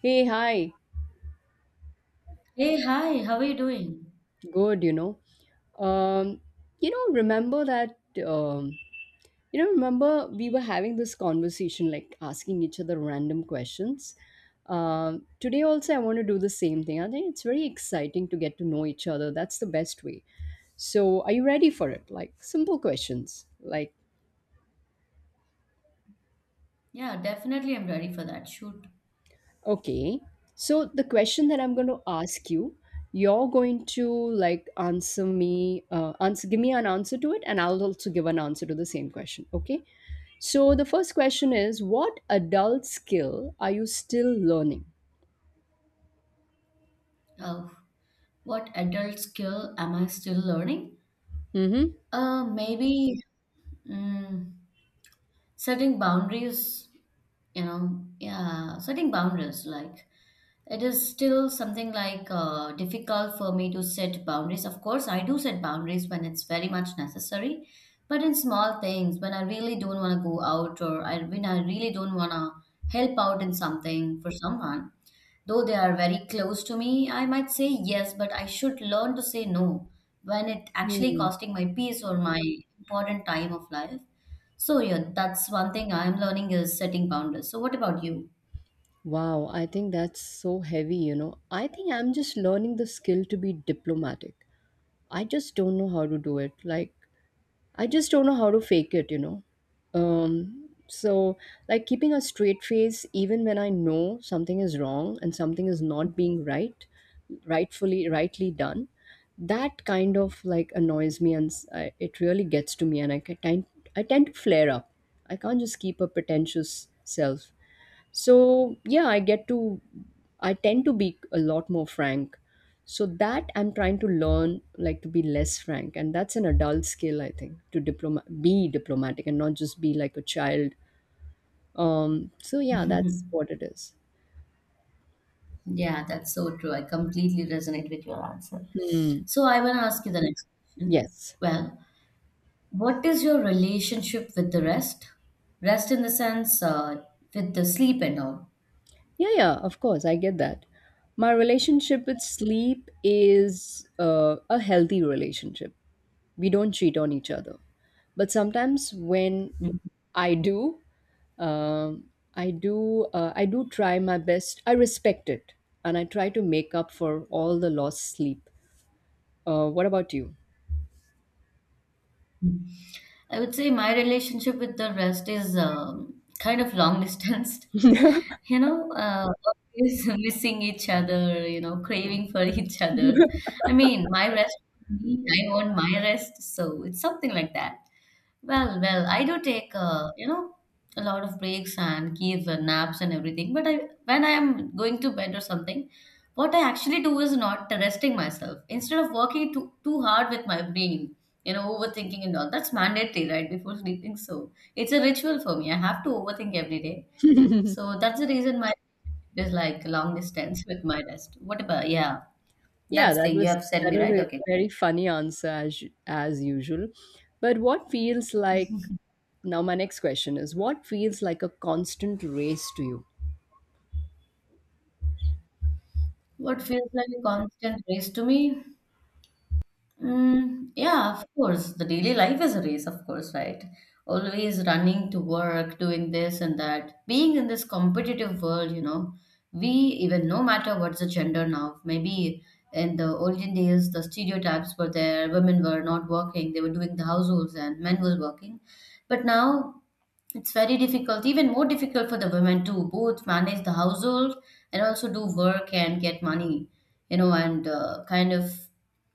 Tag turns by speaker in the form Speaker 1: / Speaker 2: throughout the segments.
Speaker 1: Hey, hi.
Speaker 2: Hey, hi, how are you doing?
Speaker 1: Good, you know. Um, you know, remember that, um, remember we were having this conversation, like asking each other random questions. Today also I want to do the same thing. I think it's very exciting to get to know each other. That's the best way. So, are you ready for it? Like simple questions, like.
Speaker 2: Yeah, definitely I'm ready for that. Shoot.
Speaker 1: Okay. So the question that I'm going to ask you, you're going to, like, answer me, give me an answer to it, and I'll also give an answer to the same question. Okay. So the first question is, what adult skill are you still learning?
Speaker 2: Oh, what adult skill am I still learning?
Speaker 1: Mm-hmm.
Speaker 2: Maybe mm, setting boundaries, yeah, setting boundaries. Like, it is still something difficult for me to set boundaries. Of course, I do set boundaries when it's very much necessary, but in small things, when I really don't want to go out or when I really don't want to help out in something for someone, though they are very close to me, I might say yes, but I should learn to say no when it actually
Speaker 1: Hmm.
Speaker 2: costing my peace or my important time of life. So yeah, that's one thing I'm learning is setting boundaries. So what about you?
Speaker 1: Wow, I think that's so heavy. I think I'm just learning the skill to be diplomatic. I just don't know how to do it. Like, I just don't know how to fake it. So, like keeping a straight face even when I know something is wrong and something is not being right, rightly done, that kind of like annoys me, and it really gets to me, and I tend to flare up. I can't just keep a pretentious self, so, yeah, I tend to be a lot more frank, so that I'm trying to learn, like, to be less frank. And that's an adult skill, I think, to diploma be diplomatic and not just be like a child. So, yeah, that's what it is.
Speaker 2: Yeah, that's so true. I completely resonate with your answer.
Speaker 1: Hmm.
Speaker 2: So I want to ask you the next question.
Speaker 1: Yes.
Speaker 2: Well, what is your relationship with the rest? Rest in the sense with the sleep and all.
Speaker 1: Yeah, yeah, of course, I get that. My relationship with sleep is, a healthy relationship. We don't cheat on each other. But sometimes when
Speaker 2: Mhm.
Speaker 1: I do, um, I do try my best. I respect it, and I try to make up for all the lost sleep. What about you?
Speaker 2: I would say my relationship with the rest is kind of long distance. You know, uh, always missing each other, you know, craving for each other. I mean, my rest, me, I want my rest, so it's something like that. Well, I do take, you know, a lot of breaks and give naps and everything, but when I am going to bed or something, what I actually do is not resting myself. Instead of working too hard with my brain, you know, overthinking and all. That's mandatory, right? Before sleeping. So it's a ritual for me. I have to overthink every day. So that's the reason my sleep is like long distance with my rest. What about, yeah,
Speaker 1: Yeah,
Speaker 2: that's
Speaker 1: that
Speaker 2: the thing you
Speaker 1: was
Speaker 2: have said
Speaker 1: that
Speaker 2: me,
Speaker 1: was
Speaker 2: right?
Speaker 1: a
Speaker 2: Okay.
Speaker 1: very funny answer, as usual. But what feels like Now, my next question is, what feels like a constant race to you?
Speaker 2: What feels like a constant race to me? Mm, yeah, of course. The daily life is a race, of course, right? Always running to work, doing this and that. Being in this competitive world, you know, we even no matter what's the gender now, maybe in the olden days the stereotypes were there, women were not working, they were doing the households and men was working. But now it's very difficult, even more difficult for the women to both manage the household and also do work and get money, you know, and kind of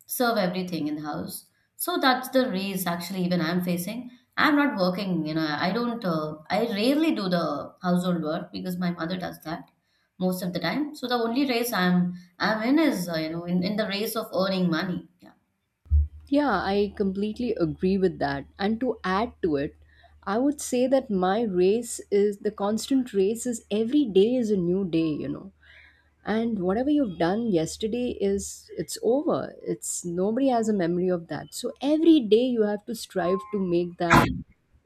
Speaker 2: serve everything in the house. So that's the race. Actually even I'm facing. I'm not working, you know, I don't, I rarely do the household work because my mother does that most of the time. So the only race I'm in is, you know, in the race of earning money. Yeah.
Speaker 1: Yeah, I completely agree with that. And to add to it, I would say that my race is, the constant race is, every day is a new day, you know. And whatever you've done yesterday, is, it's over. It's, nobody has a memory of that. So every day you have to strive to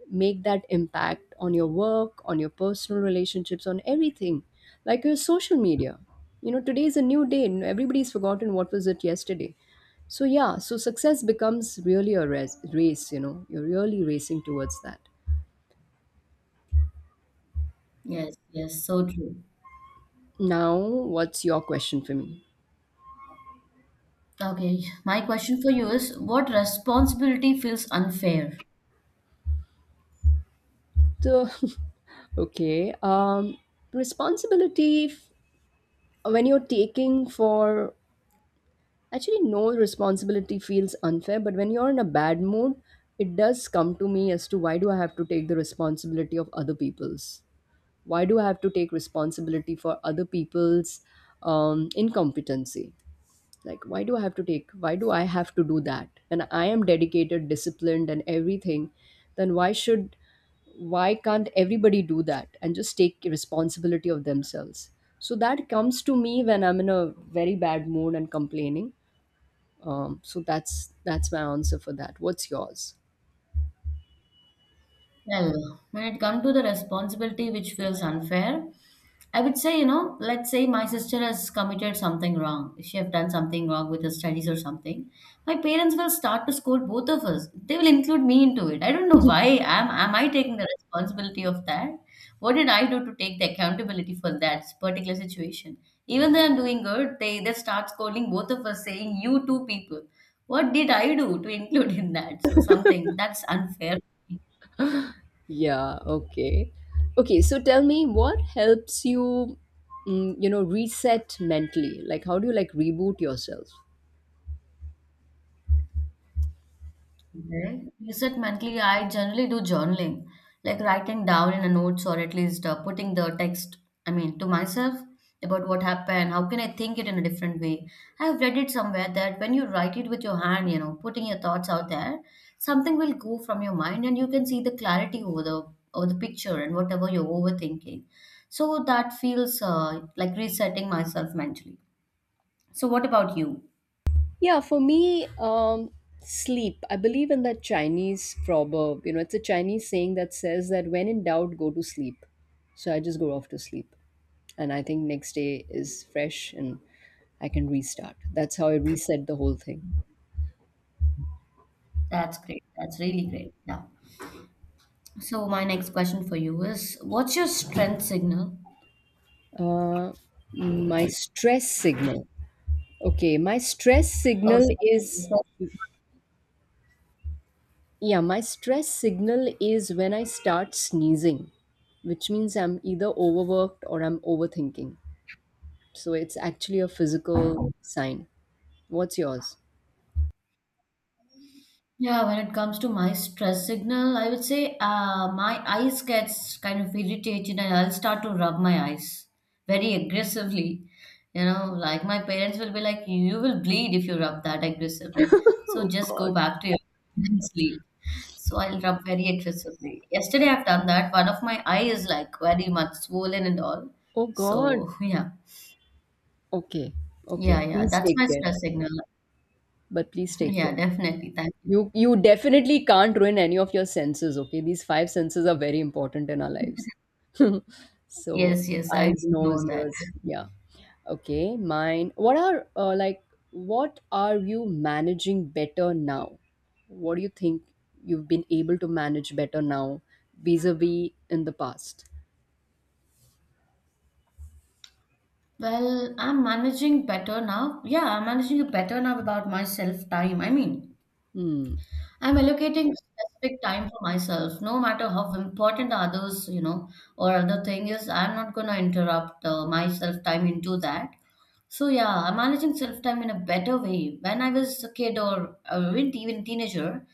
Speaker 1: make that impact on your work, on your personal relationships, on everything, like your social media. You know, today is a new day and everybody's forgotten what was it yesterday. So, yeah, so success becomes really a race, you know, you're really racing towards that.
Speaker 2: Yes. Yes. So true.
Speaker 1: Now, what's your question for me?
Speaker 2: Okay. My question for you is what responsibility feels unfair?
Speaker 1: So, okay, responsibility f- when you're taking for actually, no responsibility feels unfair, but when you're in a bad mood, it does come to me as to why do I have to take the responsibility of other people's? Why do I have to take responsibility for other people's, incompetency? Like, why do I have to do that? And I am dedicated, disciplined, and everything. Then why can't everybody do that and just take responsibility of themselves? So that comes to me when I'm in a very bad mood and complaining, so that's my answer for that. What's yours?
Speaker 2: Well, when it comes to the responsibility which feels unfair, I would say, you know, let's say my sister has committed something wrong. She have done something wrong with her studies or something. My parents will start to scold both of us. They will include me into it. I don't know why. Am I taking the responsibility of that? What did I do to take the accountability for that particular situation? Even though I'm doing good, they start scolding both of us, saying you two people. What did I do to include in that? So something that's unfair.
Speaker 1: Yeah, okay. Okay, so tell me what helps you, mm, you know reset mentally? Like, how do you, like, reboot yourself?
Speaker 2: Okay. Reset mentally, I generally do journaling, like writing down in a notes or at least putting the text, I mean, to myself about what happened. How can I think it in a different way? I have read it somewhere that when you write it with your hand, you know, putting your thoughts out there, something will go from your mind and you can see the clarity over the picture and whatever you're overthinking. So that feels like resetting myself mentally. So what about you?
Speaker 1: Yeah, for me, sleep. I believe in that Chinese proverb. You know, it's a Chinese saying that says that when in doubt, go to sleep. So I just go off to sleep. And I think next day is fresh and I can restart. That's how I reset the whole thing.
Speaker 2: That's great. That's really great. Yeah. So my next question for you is, what's your strength signal?
Speaker 1: Uh, my stress signal. Okay, my stress
Speaker 2: Oh,
Speaker 1: signal is,
Speaker 2: sorry.
Speaker 1: yeah, my stress signal is when I start sneezing, which means I'm either overworked or I'm overthinking. So it's actually a physical sign. What's yours?
Speaker 2: Yeah, when it comes to my stress signal, I would say my eyes gets kind of irritated and I'll start to rub my eyes very aggressively. You know, like my parents will be like, you will bleed if you rub that aggressively. So
Speaker 1: Oh
Speaker 2: just go
Speaker 1: God.
Speaker 2: back to your bed and sleep. So I'll rub very aggressively. Yesterday I've done that. One of my eye is like very much swollen and all.
Speaker 1: Oh God.
Speaker 2: So yeah.
Speaker 1: Okay.
Speaker 2: Yeah,
Speaker 1: Okay.
Speaker 2: yeah,
Speaker 1: Please
Speaker 2: that's
Speaker 1: take
Speaker 2: my
Speaker 1: care.
Speaker 2: stress signal.
Speaker 1: But please take
Speaker 2: Yeah,
Speaker 1: care.
Speaker 2: definitely. Thank you.
Speaker 1: You definitely can't ruin any of your senses, okay? These five senses are very important in our lives. So,
Speaker 2: Yes, yes, I
Speaker 1: eyes, nose,
Speaker 2: know that.
Speaker 1: ears, yeah. Okay, mine. What are like, what are you managing better now? What do you think you've been able to manage better now, vis-a-vis in the past?
Speaker 2: Well, I'm managing better now. Yeah, I'm managing it better now about myself time. I mean,
Speaker 1: Hmm.
Speaker 2: I'm allocating specific time for myself, no matter how important others, you know, or other thing is, I'm not gonna interrupt my self time into that. So yeah, I'm managing self time in a better way. When I was a kid or even even teenager,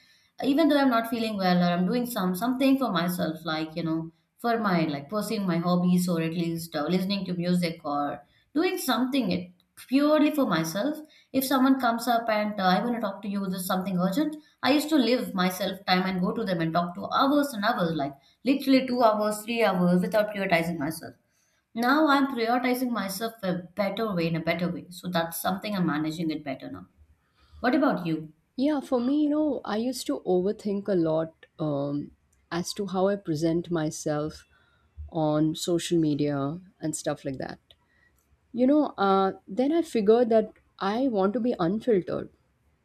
Speaker 2: even though I'm not feeling well or I'm doing something for myself, like you know, for my like pursuing my hobbies or at least listening to music or doing something it purely for myself. If someone comes up and I want to talk to you, there's something urgent. I used to live my self time and go to them and talk to hours and hours, like literally 2 hours, 3 hours, without prioritizing myself. Now I'm prioritizing myself a better way in a better way. So that's something I'm managing it better now. What about you?
Speaker 1: Yeah, for me, I used to overthink a lot, as to how I present myself on social media and stuff like that. You know, then I figured that I want to be unfiltered,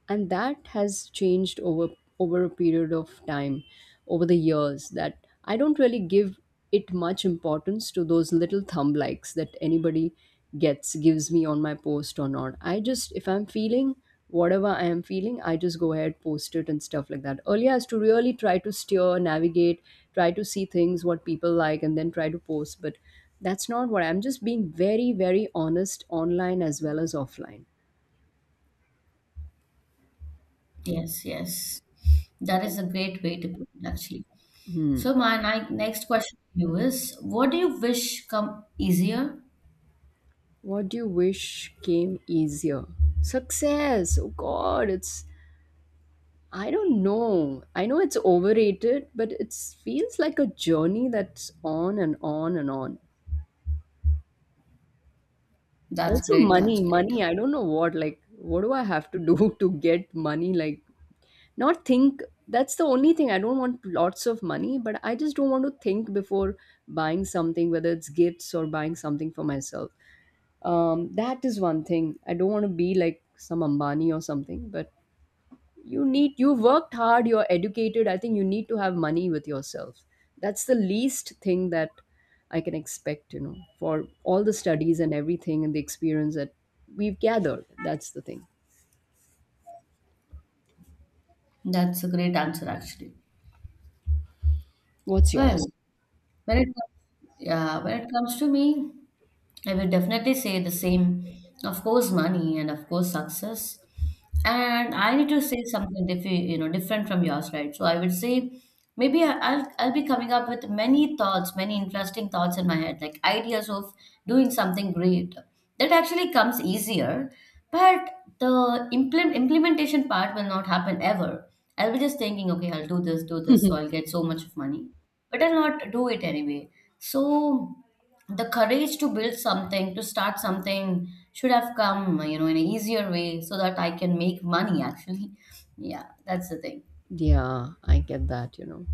Speaker 1: and that has changed over a period of time, over the years, that I don't really give it much importance to those little thumb likes that anybody gets gives me on my post or not. I just, if I'm feeling whatever I am feeling, I just go ahead, post it and stuff like that. Earlier I used to really try to steer navigate, try to see things what people like and then try to post. But that's not what I'm just being very, very honest online as well as offline.
Speaker 2: Yes, yes. That is a great way to put it, actually.
Speaker 1: Hmm.
Speaker 2: So my next question to you is, what do you wish come easier?
Speaker 1: What do you wish came easier? Success. Oh God, it's. I don't know. I know it's overrated, but it feels like a journey that's on and on and on.
Speaker 2: That's
Speaker 1: Also,
Speaker 2: great. That's
Speaker 1: money,
Speaker 2: great.
Speaker 1: money. I don't know what. Like, what do I have to do to get money? Like, not think. That's the only thing. I don't want lots of money, but I just don't want to think before buying something, whether it's gifts or buying something for myself. That is one thing. I don't want to be like some Ambani or something, but you worked hard, you're educated, I think you need to have money with yourself. That's the least thing that I can expect, you know, for all the studies and everything and the experience that we've gathered. That's the thing.
Speaker 2: That's a great answer, actually.
Speaker 1: What's yours?
Speaker 2: Well, when it comes to me, I will definitely say the same. Of course, money and of course, success. And I need to say something diff you know, different from yours, right? So I would say maybe I'll be coming up with many thoughts, many interesting thoughts in my head, like ideas of doing something great. That actually comes easier, but the implementation part will not happen ever. I'll be just thinking, okay, I'll do this, so I'll get so much of money, but I'll not do it anyway. So the courage to build something, to start something should have come, you know, in an easier way so that I can make money actually. Yeah, that's the thing.
Speaker 1: Yeah, I get that.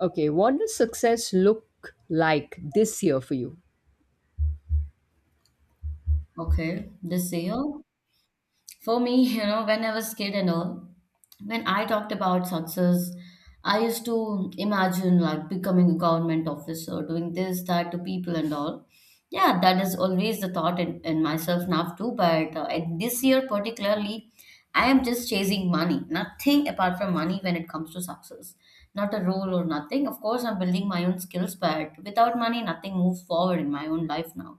Speaker 1: Okay, what does success look like this year for you?
Speaker 2: Okay, this year. For me, you know, when I was kid and all, when I talked about success, I used to imagine like becoming a government officer, doing this, that to people and all. Yeah, that is always the thought in myself now too. But at this year particularly, I am just chasing money, nothing apart from money when it comes to success. Not a role or nothing. Of course, I'm building my own skills, but without money, nothing moves forward in my own life now.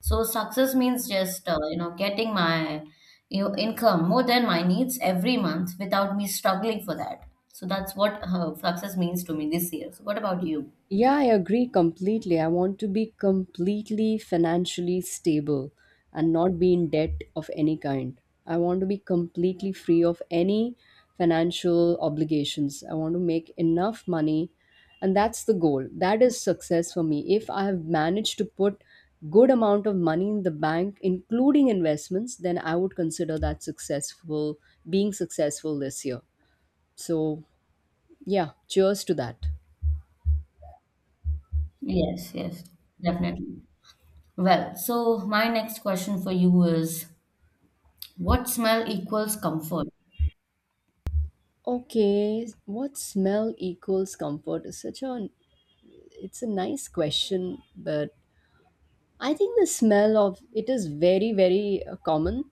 Speaker 2: So success means just you know getting my, you know, income more than my needs every month without me struggling for that. So that's what success means to me this year. So what about you?
Speaker 1: Yeah, I agree completely. I want to be completely financially stable and not be in debt of any kind. I want to be completely free of any financial obligations. I want to make enough money, and that's the goal. That is success for me. If I have managed to put good amount of money in the bank, including investments, then I would consider that successful, being successful this year. So, yeah, cheers to that.
Speaker 2: Yes, yes, definitely. Well, so my next question for you is, what smell equals comfort?
Speaker 1: Okay, what smell equals comfort is such a it's a nice question, but I think the smell of it is very, very, common.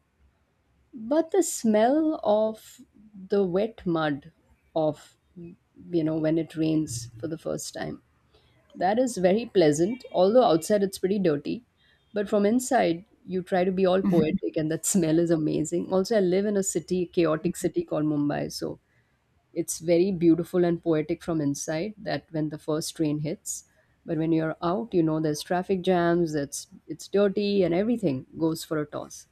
Speaker 1: But the smell of the wet mud, of, when it rains for the first time. That is very pleasant. Although outside it's pretty dirty, but from inside you try to be all poetic, and that smell is amazing. Also, I live in a city, chaotic city called Mumbai, so it's very beautiful and poetic from inside, that when the first train hits. But when you're out, there's traffic jams, it's dirty and everything goes for a toss.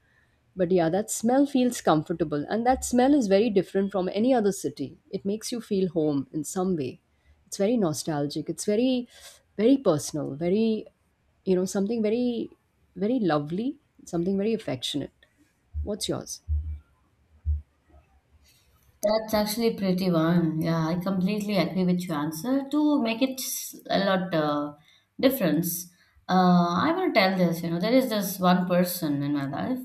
Speaker 1: But yeah, that smell feels comfortable, and that smell is very different from any other city. It makes you feel home in some way. It's very nostalgic, it's very, very personal, very, something very, very lovely, something very affectionate. What's yours?
Speaker 2: That's actually pretty one. Yeah, I completely agree with your answer. To make it a lot difference, uh, I want to tell this. You know, there is this one person in my life.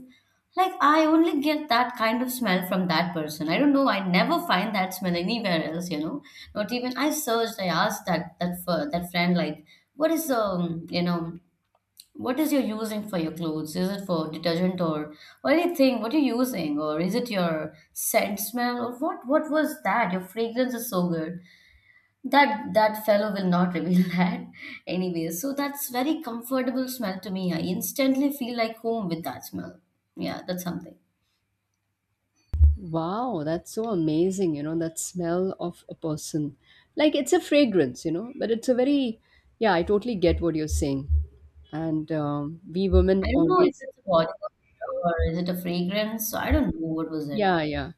Speaker 2: Like I only get that kind of smell from that person. I don't know. I never find that smell anywhere else. You know, not even I searched. I asked that friend like, what is you know what is your using for your clothes? Is it for detergent or anything? What you're using, or is it your scent smell, or what? What was that? Your fragrance is so good that that fellow will not reveal that. Anyway, so that's very comfortable smell to me. I instantly feel like home with that smell. Yeah, that's something.
Speaker 1: Wow, that's so amazing. That smell of a person. Like, it's a fragrance, but it's a very, yeah, I totally get what you're saying. And we women
Speaker 2: I don't know if
Speaker 1: always,
Speaker 2: it's a body odor or is it a fragrance. So I don't know what was it.
Speaker 1: yeah, yeah.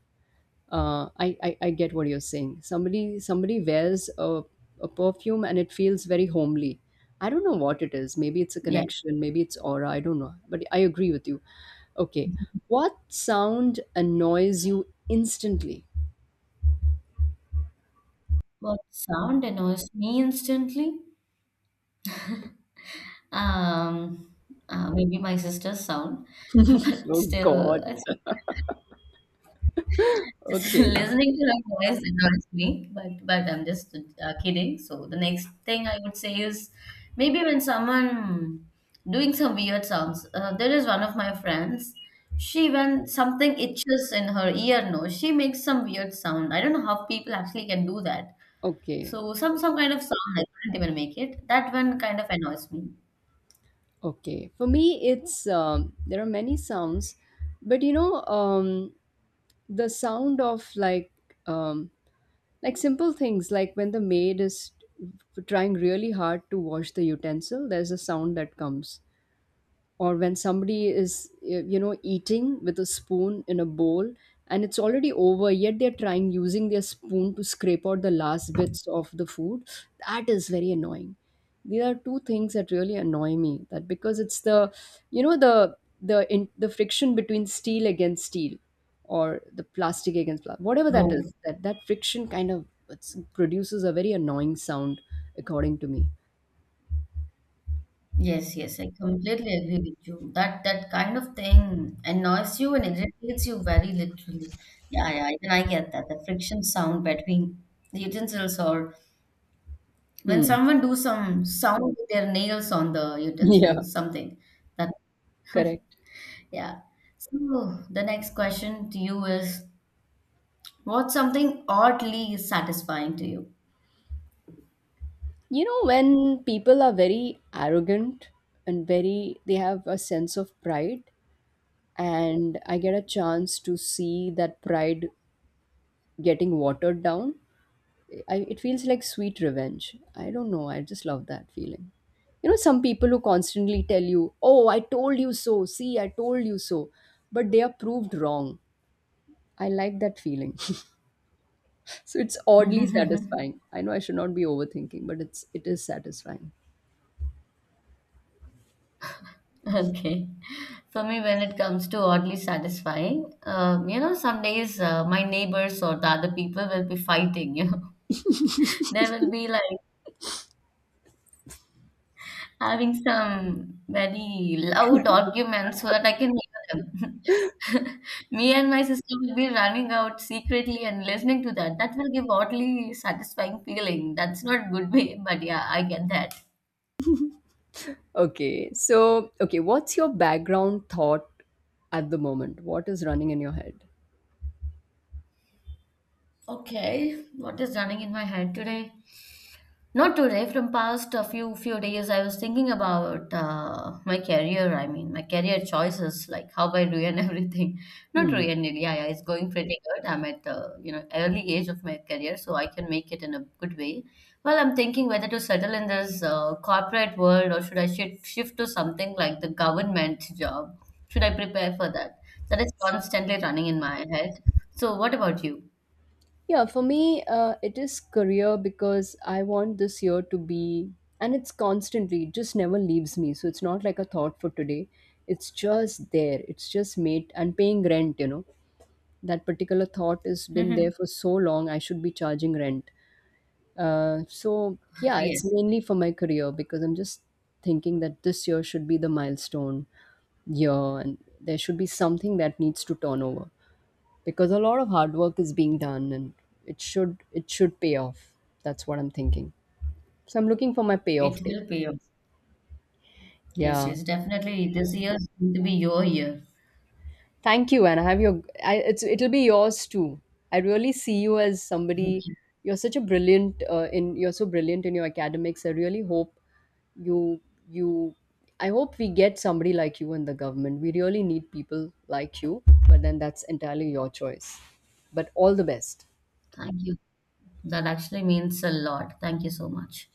Speaker 1: I get what you're saying. Somebody wears a perfume and it feels very homely. I don't know what it is. Maybe it's a
Speaker 2: Yeah,
Speaker 1: connection, maybe it's aura, I don't know. But I agree with you. Okay. What sound annoys you instantly?
Speaker 2: but sound annoys me instantly. Um, Maybe my sister's sound, but
Speaker 1: Oh God.
Speaker 2: still, it's just
Speaker 1: Okay.
Speaker 2: listening to her voice annoys me. But I'm just kidding. So the next thing I would say is maybe when someone doing some weird sounds. There is one of my friends. She when something itches in her ear, no, she makes some weird sound. I don't know how people actually can do that.
Speaker 1: Okay,
Speaker 2: So some kind of sound I couldn't even make it. That one kind of annoys me.
Speaker 1: okay. For me, it's, there are many sounds, but the sound of, like, um, like, simple things, like, when the maid is trying really hard to wash the utensil, there's a sound that comes. Or when somebody is, eating with a spoon in a bowl, and it's already over, yet they're trying using their spoon to scrape out the last bits of the food. That is very annoying. These are two things that really annoy me, that, because it's the, you know the the friction between steel against steel, or the plastic against plastic, whatever that
Speaker 2: Oh,
Speaker 1: is, that that friction kind of, produces a very annoying sound, according to me.
Speaker 2: yes, yes, I completely agree with you. That that kind of thing annoys you and irritates you very literally. Yeah, yeah, even I get that. The friction sound between the utensils or when
Speaker 1: Hmm.
Speaker 2: someone do some sound with their nails on the
Speaker 1: Yeah.
Speaker 2: utensils, something that.
Speaker 1: Correct.
Speaker 2: Yeah. So the next question to you is, what's something oddly satisfying to you?
Speaker 1: When people are very arrogant and they have a sense of pride, and I get a chance to see that pride getting watered down, it feels like sweet revenge. I don't know. I just love that feeling. Some people who constantly tell you, "Oh, I told you so." See, I told you so. But they are proved wrong. I like that feeling. So it's oddly satisfying. I know I should not be overthinking, but it is satisfying.
Speaker 2: Okay. For me, when it comes to oddly satisfying, some days my neighbors or the other people will be fighting. They will be like having some very loud arguments so that I can hear them. Me and my sister will be running out secretly and listening to that. That will give oddly satisfying feeling. That's not good way, but yeah, I get that.
Speaker 1: Okay, so what's your background thought at the moment? What is running in your head?
Speaker 2: Okay, what is running in my head today? Not today, from past a few days, I was thinking about my career. I mean, my career choices, like how I ruin everything. Not
Speaker 1: Hmm.
Speaker 2: ruin it, yeah, yeah. It's going pretty good. I'm at the early age of my career, so I can make it in a good way. Well, I'm thinking whether to settle in this corporate world or should I shift to something like the government job? Should I prepare for that? That is constantly running in my head. So, what about you?
Speaker 1: Yeah, for me, it is career because I want this year to be, and it's constantly, it just never leaves me. So it's not like a thought for today. It's just there. It's just made and paying rent, you know. That particular thought has been there for so long. I should be charging rent. So yeah, it's
Speaker 2: Yes,
Speaker 1: mainly for my career because I'm just thinking that this year should be the milestone year and there should be something that needs to turn over because a lot of hard work is being done and it should pay off. That's what I'm thinking. So I'm looking for my payoff
Speaker 2: it
Speaker 1: day.
Speaker 2: will pay off.
Speaker 1: That's-
Speaker 2: Yes,
Speaker 1: Yeah.
Speaker 2: yes, definitely. This year is going to be your year.
Speaker 1: Thank you, and I have your. I, it'll be yours too. I really see you as somebody. You're such a brilliant in. You're so brilliant in your academics. I really hope you you. I hope we get somebody like you in the government. We really need people like you. But then that's entirely your choice. But all the best.
Speaker 2: Thank you. That actually means a lot. Thank you so much.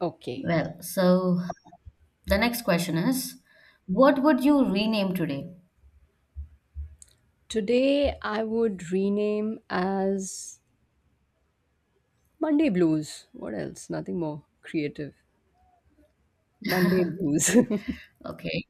Speaker 1: Okay.
Speaker 2: Well, so the next question is, what would you rename today?
Speaker 1: Today I would rename as Monday Blues. What else? Nothing more creative. Monday Blues.
Speaker 2: Okay,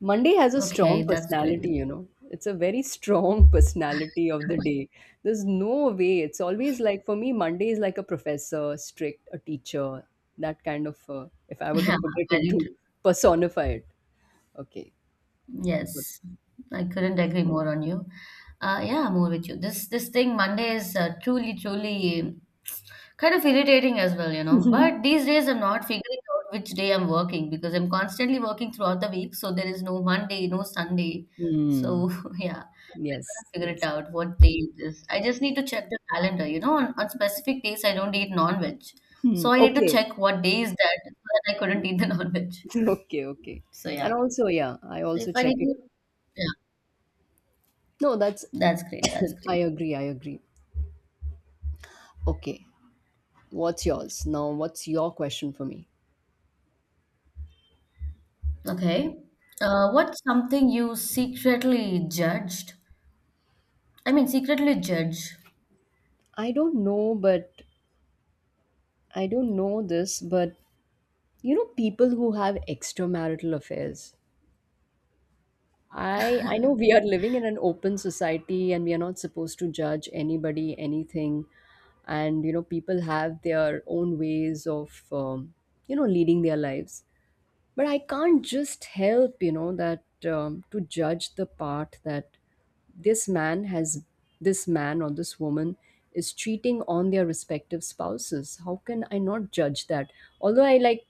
Speaker 1: Monday has a strong
Speaker 2: okay, that's great.
Speaker 1: personality, you know. It's a very strong personality of the day. There's no way. It's always like, for me, Monday is like a professor, strict, a teacher, that kind of, if I were to
Speaker 2: Yeah,
Speaker 1: put it
Speaker 2: very
Speaker 1: into
Speaker 2: true.
Speaker 1: personify it. Okay. Good.
Speaker 2: Yes, I couldn't agree more on you. Yeah, I'm more with you. This thing Monday is truly, truly kind of irritating as well. But these days I'm not figuring out which day I'm working because I'm constantly working throughout the week, so there is no Monday, no Sunday. So
Speaker 1: Hmm.
Speaker 2: yeah, I
Speaker 1: Yes,
Speaker 2: gotta figure it
Speaker 1: yes.
Speaker 2: out what day it is. I just need to check the calendar. On specific days I don't eat non-veg,
Speaker 1: Hmm.
Speaker 2: so I need to
Speaker 1: Okay.
Speaker 2: check what day is that so that I couldn't eat the non-veg.
Speaker 1: Okay, okay.
Speaker 2: So
Speaker 1: And
Speaker 2: yeah,
Speaker 1: also, yeah, I
Speaker 2: so if
Speaker 1: also
Speaker 2: I
Speaker 1: check
Speaker 2: need
Speaker 1: it.
Speaker 2: to, yeah,
Speaker 1: No, that's,
Speaker 2: that's great. That's
Speaker 1: I
Speaker 2: great.
Speaker 1: agree, I agree. Okay. What's yours? Now, what's your question for me?
Speaker 2: Okay. What's something you secretly judged? I mean, secretly judge.
Speaker 1: I don't know, but I don't know this, but you know, people who have extramarital affairs. I know we are living in an open society and we are not supposed to judge anybody, anything, and you know, people have their own ways of you know, leading their lives. But I can't just help, you know, that to judge the part that this man has this man or this woman is cheating on their respective spouses. How can I not judge that? Although I like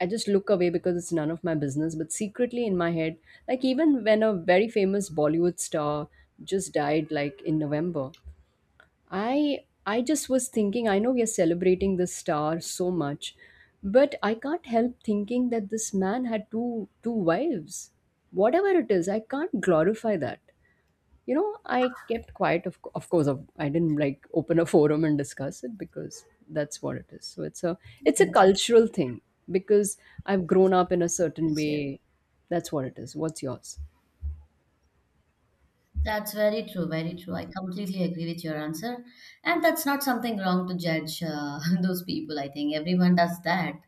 Speaker 1: I just look away because it's none of my business, but secretly in my head, like even when a very famous Bollywood star just died like in November, i I just was thinking, I know we are celebrating this star so much, but I can't help thinking that this man had two wives. Whatever it is, I can't glorify that. You know, I kept quiet. Of course, I didn't like open a forum and discuss it because that's what it is. So it's a
Speaker 2: Yes,
Speaker 1: cultural thing because I've grown up in a certain
Speaker 2: yes, yes.
Speaker 1: way. That's what it is. What's yours?
Speaker 2: That's very true, very true. I completely agree with your answer. And that's not something wrong to judge those people, I think. Everyone does that.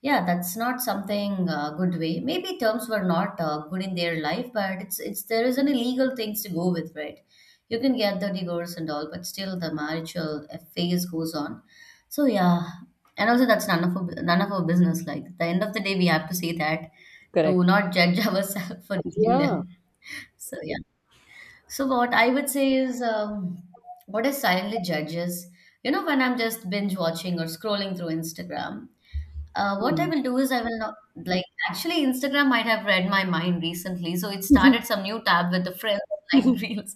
Speaker 2: Yeah, that's not something good way. Maybe terms were not good in their life, but it's there is any legal things to go with, right? You can get the divorce and all, but still the marital phase goes on. So yeah, and also that's none of our business. Like at the end of the day, we have to say that to
Speaker 1: Correct.
Speaker 2: not judge ourselves for judging
Speaker 1: Yeah.
Speaker 2: them. So yeah. So what I would say is, what is silently judges? You know, when I'm just binge watching or scrolling through Instagram, what I will do is I will not like actually Instagram might have read my mind recently, so it started some new tab with the friends like reels,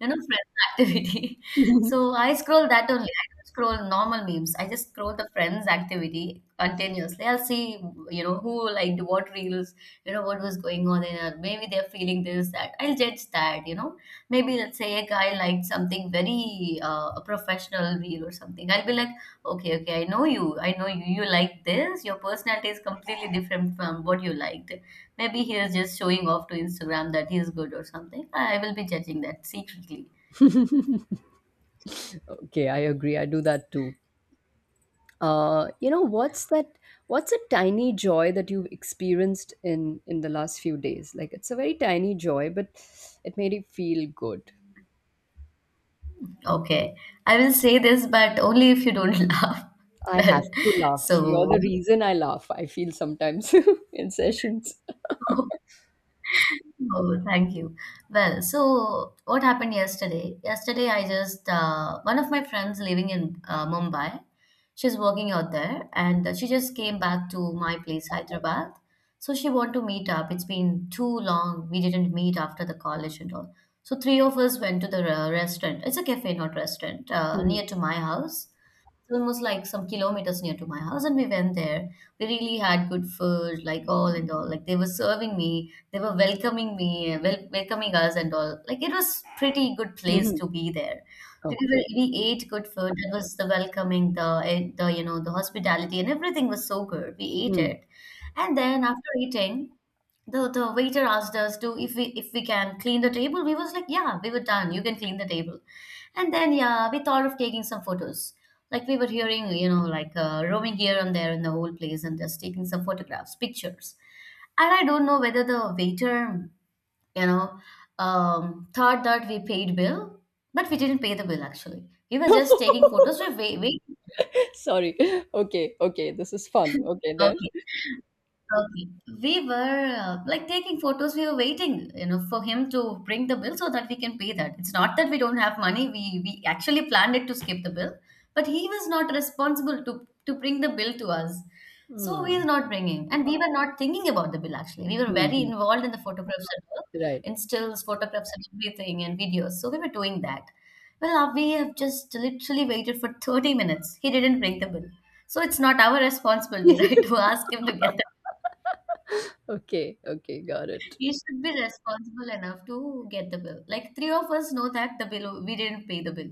Speaker 2: you know, friends activity. So I scroll that only. I don't scroll normal memes. I just scroll the friends activity continuously. I'll see who liked what reels, what was going on in her. Maybe they're feeling this, that. I'll judge that. Maybe let's say a guy liked something very a professional reel or something. I'll be like, okay, okay. I know you. I know you. You like this. Your personality is completely different from what you liked. Maybe he is just showing off to Instagram that he is good or something. I will be judging that secretly.
Speaker 1: Okay, I agree. I do that too. You know, what's that? What's a tiny joy that you've experienced in the last few days? Like it's a very tiny joy, but it made you feel good.
Speaker 2: Okay. I will say this, but only if you don't laugh.
Speaker 1: I
Speaker 2: Well,
Speaker 1: have to laugh. You're the
Speaker 2: so
Speaker 1: reason I laugh. I feel sometimes in sessions.
Speaker 2: oh, thank you. Well, so what happened yesterday? Yesterday, I just one of my friends living in Mumbai. She's working out there, and she just came back to my place, Hyderabad. So she want to meet up. It's been too long. We didn't meet after the college and all. So three of us went to the restaurant. It's a cafe, not restaurant,
Speaker 1: Mhm,
Speaker 2: near to my house. It's almost like some kilometers near to my house, and we went there. We really had good food, like all and all. Like they were serving me, they were welcoming me, welcoming us and all. Like it was pretty good place
Speaker 1: mhm.
Speaker 2: to be there.
Speaker 1: Okay.
Speaker 2: We ate good food. That was the welcoming, the eh, the you know the hospitality and everything was so good. We ate
Speaker 1: Hmm.
Speaker 2: it, and then after eating, the waiter asked us to if we can clean the table. We was like, yeah, we were done, you can clean the table. And then yeah, we thought of taking some photos, like we were hearing roaming here and there in the whole place and just taking some photographs pictures. And I don't know whether the waiter you know thought that we paid bill, but we didn't pay the bill. Actually, we were just taking photos. we wait, wait.
Speaker 1: Sorry. Okay. Okay. This is fun. Okay then.
Speaker 2: Okay. Okay. We were like taking photos. We were waiting, for him to bring the bill so that we can pay that. It's not that we don't have money. We actually planned it to skip the bill, but he was not responsible to bring the bill to us. So he is
Speaker 1: Hmm.
Speaker 2: not bringing, and we were not thinking about the bill actually. We were very
Speaker 1: Hmm.
Speaker 2: involved in the photographs and all,
Speaker 1: Right.
Speaker 2: in stills, photographs and everything, and videos. So we were doing that. Well, we have just literally waited for 30 minutes. He didn't bring the bill. So it's not our responsibility, right, to ask him to get.
Speaker 1: Okay. Okay. Got it.
Speaker 2: You should be responsible enough to get the bill. Like three of us know that the bill, we didn't pay the bill.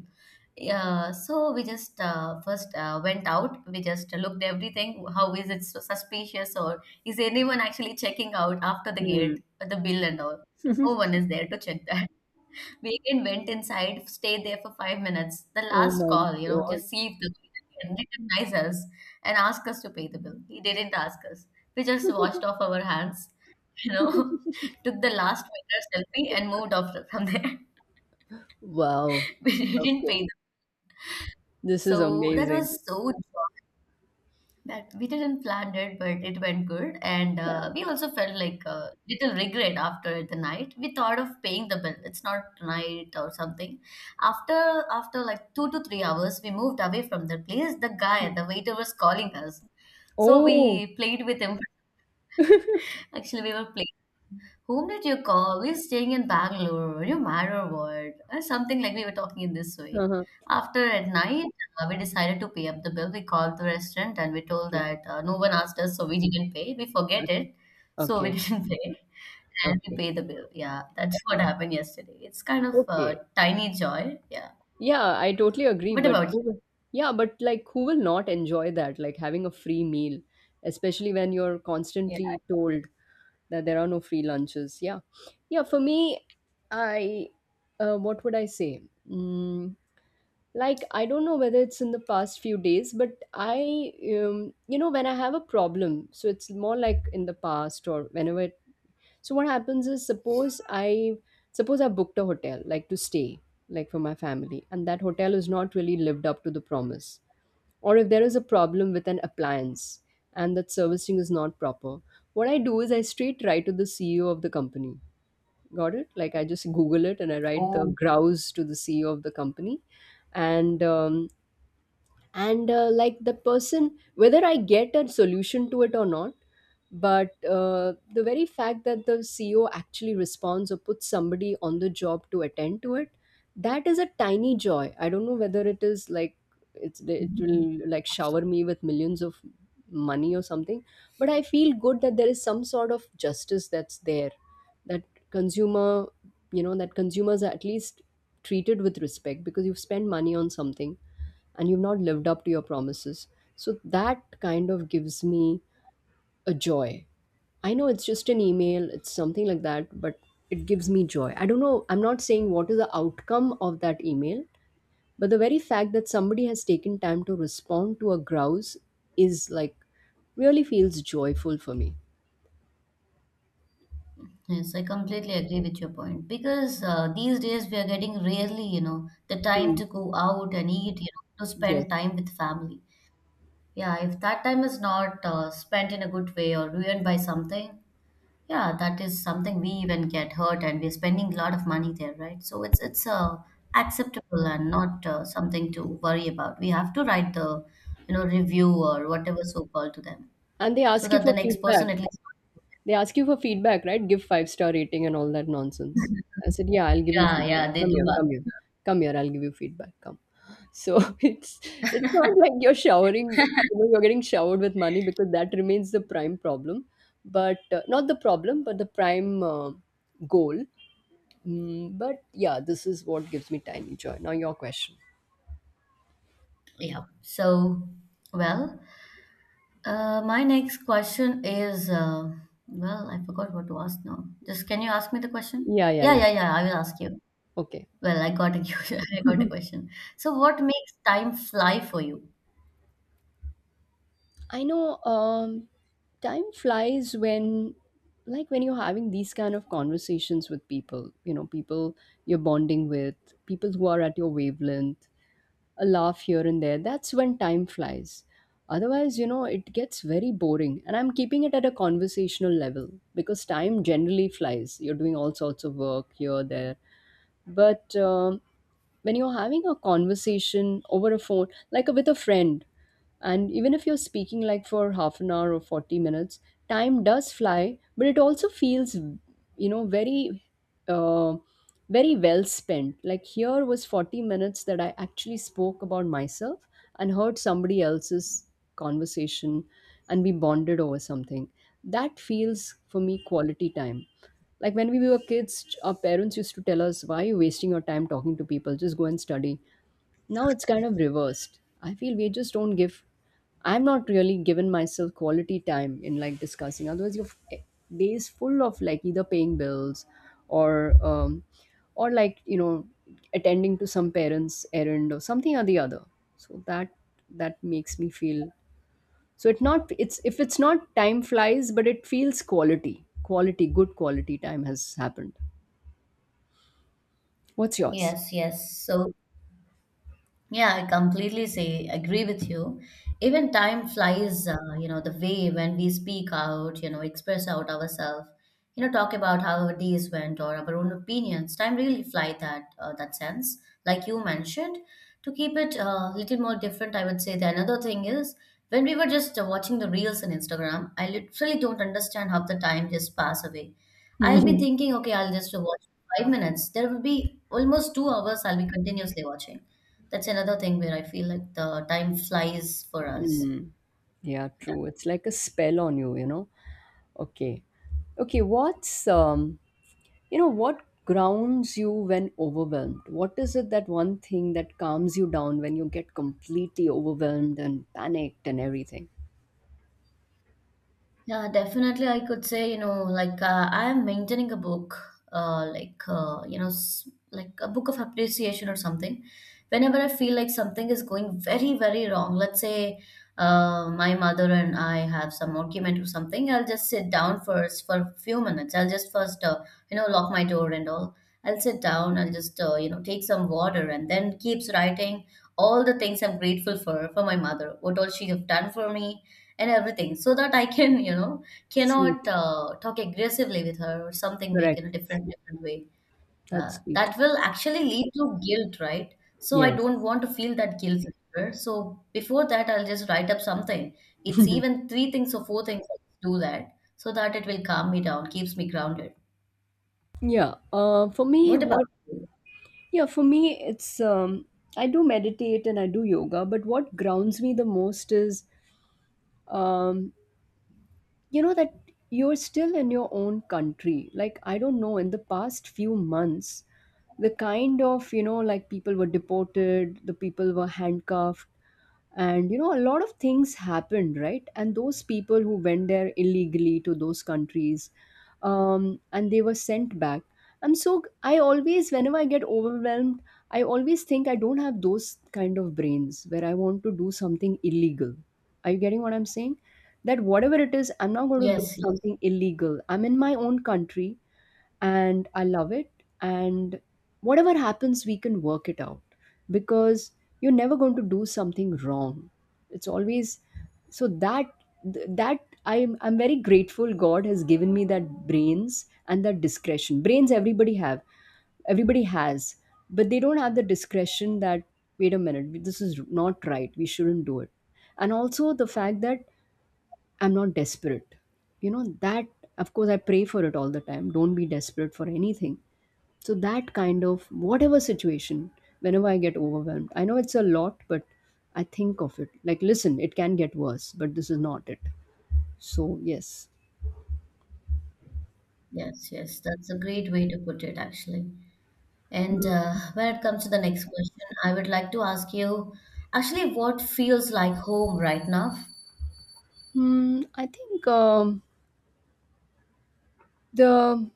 Speaker 2: Yeah, so we just first went out. We just looked everything. How is it so suspicious, or is anyone actually checking out after the
Speaker 1: Hmm.
Speaker 2: gate, the bill and all? No one is there to check that. We again went inside, stayed there for 5 minutes. The
Speaker 1: Oh
Speaker 2: last
Speaker 1: my
Speaker 2: call, you know,
Speaker 1: god.
Speaker 2: just see if the bill can recognize us and ask us to pay the bill. He didn't ask us. We just washed off our hands you know, took the last winter selfie and moved off from there.
Speaker 1: Wow.
Speaker 2: We didn't
Speaker 1: Okay.
Speaker 2: pay them.
Speaker 1: This is
Speaker 2: So that
Speaker 1: amazing.
Speaker 2: was so drunk that we didn't plan it, but it went good. And
Speaker 1: Yeah.
Speaker 2: we also felt like a little regret after the night. We thought of paying the bill. It's not tonight or something. After after like 2 to 3 hours, we moved away from the place. The guy, the waiter was calling us. So
Speaker 1: Oh.
Speaker 2: we played with him. Actually, we were playing. Whom did you call? We're staying in Bangalore, no matter what, or something like we were talking in this way.
Speaker 1: Uh-huh.
Speaker 2: After at night, we decided to pay up the bill. We called the restaurant and we told
Speaker 1: Okay.
Speaker 2: that no one asked us, so we didn't pay. We forget
Speaker 1: Okay.
Speaker 2: it, so we
Speaker 1: Okay.
Speaker 2: didn't pay, and we
Speaker 1: Okay.
Speaker 2: pay the bill. Yeah, that's what happened yesterday. It's kind of a
Speaker 1: Okay.
Speaker 2: tiny joy. Yeah.
Speaker 1: Yeah, I totally agree,
Speaker 2: What
Speaker 1: but
Speaker 2: about you?
Speaker 1: who will, yeah, but like who will not enjoy that? Like having a free meal, especially when you're
Speaker 2: Yeah.
Speaker 1: constantly told that there are no free lunches. Yeah. Yeah, for me, I what would I say? Mm, like I don't know whether it's in the past few days, but I you know, when I have a problem, so it's more like in the past or whenever. So what happens is suppose I booked a hotel like to stay like for my family and that hotel is not really lived up to the promise, or if there is a problem with an appliance and that servicing is not proper, what I do is I straight write to the CEO of the company. Got it? Like I just google it and I write the
Speaker 2: Oh.
Speaker 1: grouse to the CEO of the company, and um, and like the person, whether I get a solution to it or not, but the very fact that the CEO actually responds or puts somebody on the job to attend to it, that is a tiny joy. I don't know whether it is like it's it will like shower me with millions of money or something, but I feel good that there is some sort of justice that's there, that consumer you know, that consumers are at least treated with respect because you've spent money on something and you've not lived up to your promises. So that kind of gives me a joy. I know it's just an email, it's something like that, but it gives me joy. I don't know, I'm not saying what is the outcome of that email, but the very fact that somebody has taken time to respond to a grouse is like really feels joyful for me.
Speaker 2: Yes, I completely agree with your point because these days we are getting rarely, the time
Speaker 1: Hmm.
Speaker 2: to go out and eat, to
Speaker 1: Yes.
Speaker 2: spend time with family. Yeah, if that time is not spent in a good way or ruined by something, yeah, that is something we even get hurt and we're spending a lot of money there, right? So it's acceptable and not something to worry about. We have to write the, review or whatever so called to them
Speaker 1: And they
Speaker 2: so
Speaker 1: ask you
Speaker 2: that the
Speaker 1: for
Speaker 2: next person
Speaker 1: feedback.
Speaker 2: at least,
Speaker 1: They ask you for feedback, right? Give five-star rating and all that nonsense. I said, yeah, I'll give you
Speaker 2: yeah,
Speaker 1: feedback.
Speaker 2: yeah, they
Speaker 1: Come
Speaker 2: do
Speaker 1: here,
Speaker 2: well.
Speaker 1: come here, come here. I'll give you feedback. Come. So it's not like you're showering. You know, you're getting showered with money because that remains the prime problem, but not the problem, but the prime goal. Mm, but yeah, this is what gives me tiny joy. Now your question.
Speaker 2: Yeah. So, well, my next question is, well, I forgot what to ask now. Just can you ask me the question?
Speaker 1: Yeah, yeah,
Speaker 2: Yeah,
Speaker 1: yeah.
Speaker 2: yeah, yeah. I will ask you.
Speaker 1: Okay.
Speaker 2: Well, I got a I got a question. So, what makes time fly for you?
Speaker 1: I know time flies when, like, when you're having these kind of conversations with people, you know, people you're bonding with, people who are at your wavelength, a laugh here and there. That's when time flies. Otherwise, you know, it gets very boring. And I'm keeping it at a conversational level because time generally flies. You're doing all sorts of work here, there. But when you're having a conversation over a phone, like with a friend, and even if you're speaking like for half an hour or 40 minutes, time does fly, but it also feels, you know, very, uh, very well spent. Like here was 40 minutes that I actually spoke about myself and heard somebody else's conversation and we bonded over something. That feels for me quality time, like when we were kids our parents used to tell us, why are you wasting your time talking to people? Just go and study. Now it's kind of reversed. I feel we just don't give. I'm not really giving myself quality time in like discussing. Otherwise, your f- days full of like either paying bills or um, or like you know attending to some parents' errand or something or the other. So that that makes me feel. So it not it's if it's not time flies, but it feels quality quality good quality time has happened. What's yours?
Speaker 2: Yes, yes. So, yeah, I completely say agree with you. Even time flies, the way when we speak out, express out ourselves, talk about how our days went or our own opinions. Time really fly that sense, like you mentioned. To keep it a little more different, I would say the another thing is when we were just watching the reels on Instagram, I literally don't understand how the time just pass away. I'll be thinking, okay, I'll just watch 5 minutes. There will be almost 2 hours I'll be continuously watching. That's another thing where I feel like the time flies for us.
Speaker 1: Yeah, true. It's like a spell on you, you know. Okay. Okay, what's you know, what grounds you when overwhelmed? What is it that one thing that calms you down when you get completely overwhelmed and panicked and everything?
Speaker 2: Yeah, definitely. I could say, I am maintaining a book, like a book of appreciation or something. Whenever I feel like something is going very, very wrong, let's say my mother and I have some argument or something, I'll just sit down first for a few minutes. I'll just first, lock my door and all. I'll sit down. I'll just, take some water and then keeps writing all the things I'm grateful for my mother, what all she have done for me and everything so that I can, cannot
Speaker 1: Sweet.
Speaker 2: talk aggressively with her or something make in a
Speaker 1: Correct.
Speaker 2: different different way.
Speaker 1: That's sweet.
Speaker 2: That will actually lead to guilt, right? So I
Speaker 1: Yes.
Speaker 2: don't want to feel that guilt later. So before that, I'll just write up something. It's even three things or four things. I'll do that so that it will calm me down, keeps me grounded.
Speaker 1: Yeah. For me,
Speaker 2: What about
Speaker 1: what?
Speaker 2: you?
Speaker 1: Yeah, for me, it's I do meditate and I do yoga, but what grounds me the most is um, you know, that you're still in your own country. Like I don't know, in the past few months, the kind of, you know, like people were deported, the people were handcuffed, and you know, a lot of things happened, right? And those people who went there illegally to those countries, and they were sent back. I always, whenever I get overwhelmed, I always think I don't have those kind of brains where I want to do something illegal. Are you getting what I'm saying? That whatever it is, I'm not going to do
Speaker 2: Yes, yes,
Speaker 1: something illegal. I'm in my own country and I love it. And whatever happens, we can work it out because you're never going to do something wrong. It's always so that that I'm very grateful God has given me that brains and that discretion. Everybody has, but they don't have the discretion that wait a minute, this is not right. We shouldn't do it. And also the fact that I'm not desperate. You know, that, of course, I pray for it all the time. Don't be desperate for anything. So, that kind of whatever situation, whenever I get overwhelmed, I know it's a lot, but I think of it like, listen, it can get worse, but this is not it. So, yes.
Speaker 2: yes, yes. That's a great way to put it, actually. And when it comes to the next question, I would like to ask you actually what feels like home right now?
Speaker 1: Hmm, I think the,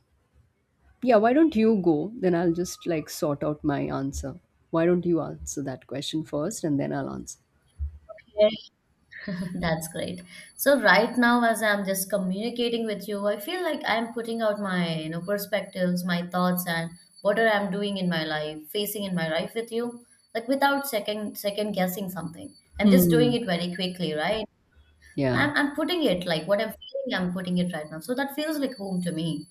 Speaker 1: yeah, why don't you go? Then I'll just like sort out my answer. Why don't you answer that question first and then I'll answer?
Speaker 2: Okay. That's great. So right now, as I'm just communicating with you, I feel like I'm putting out my, perspectives, my thoughts, and what are I'm doing in my life, facing in my life with you, like without second guessing something. I'm just doing
Speaker 1: Hmm.
Speaker 2: it very quickly, right?
Speaker 1: Yeah.
Speaker 2: I'm putting it like what I'm feeling, I'm putting it right now. So that feels like home to me.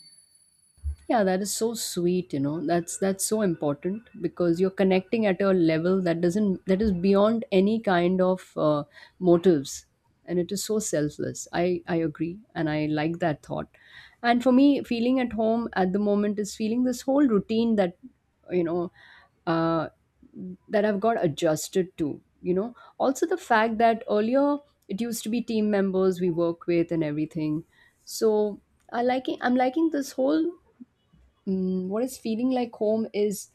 Speaker 1: Yeah, that is so sweet, you know. That's so important because you're connecting at a level that doesn't that is beyond any kind of motives, and it is so selfless. I agree and I like that thought. And for me, feeling at home at the moment is feeling this whole routine that you know uh, that I've got adjusted to, you know. Also the fact that earlier it used to be team members we work with and everything. So I'm liking this whole Mm, what is feeling like home is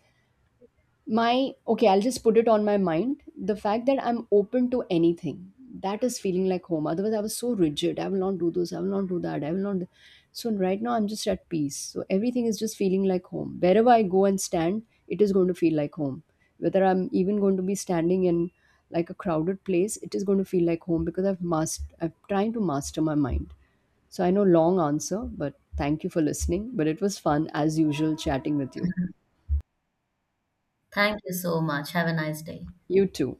Speaker 1: my okay, I'll just put it on my mind, the fact that I'm open to anything. That is feeling like home. Otherwise I was so rigid, I will not do this, I will not do that, I will not. So right now I'm just at peace, so everything is just feeling like home. Wherever I go and stand, it is going to feel like home, whether I'm even going to be standing in like a crowded place, it is going to feel like home because I'm trying to master my mind. So I know long answer, but thank you for listening. But it was fun as usual chatting with you.
Speaker 2: Thank you so much. Have a nice day.
Speaker 1: You too.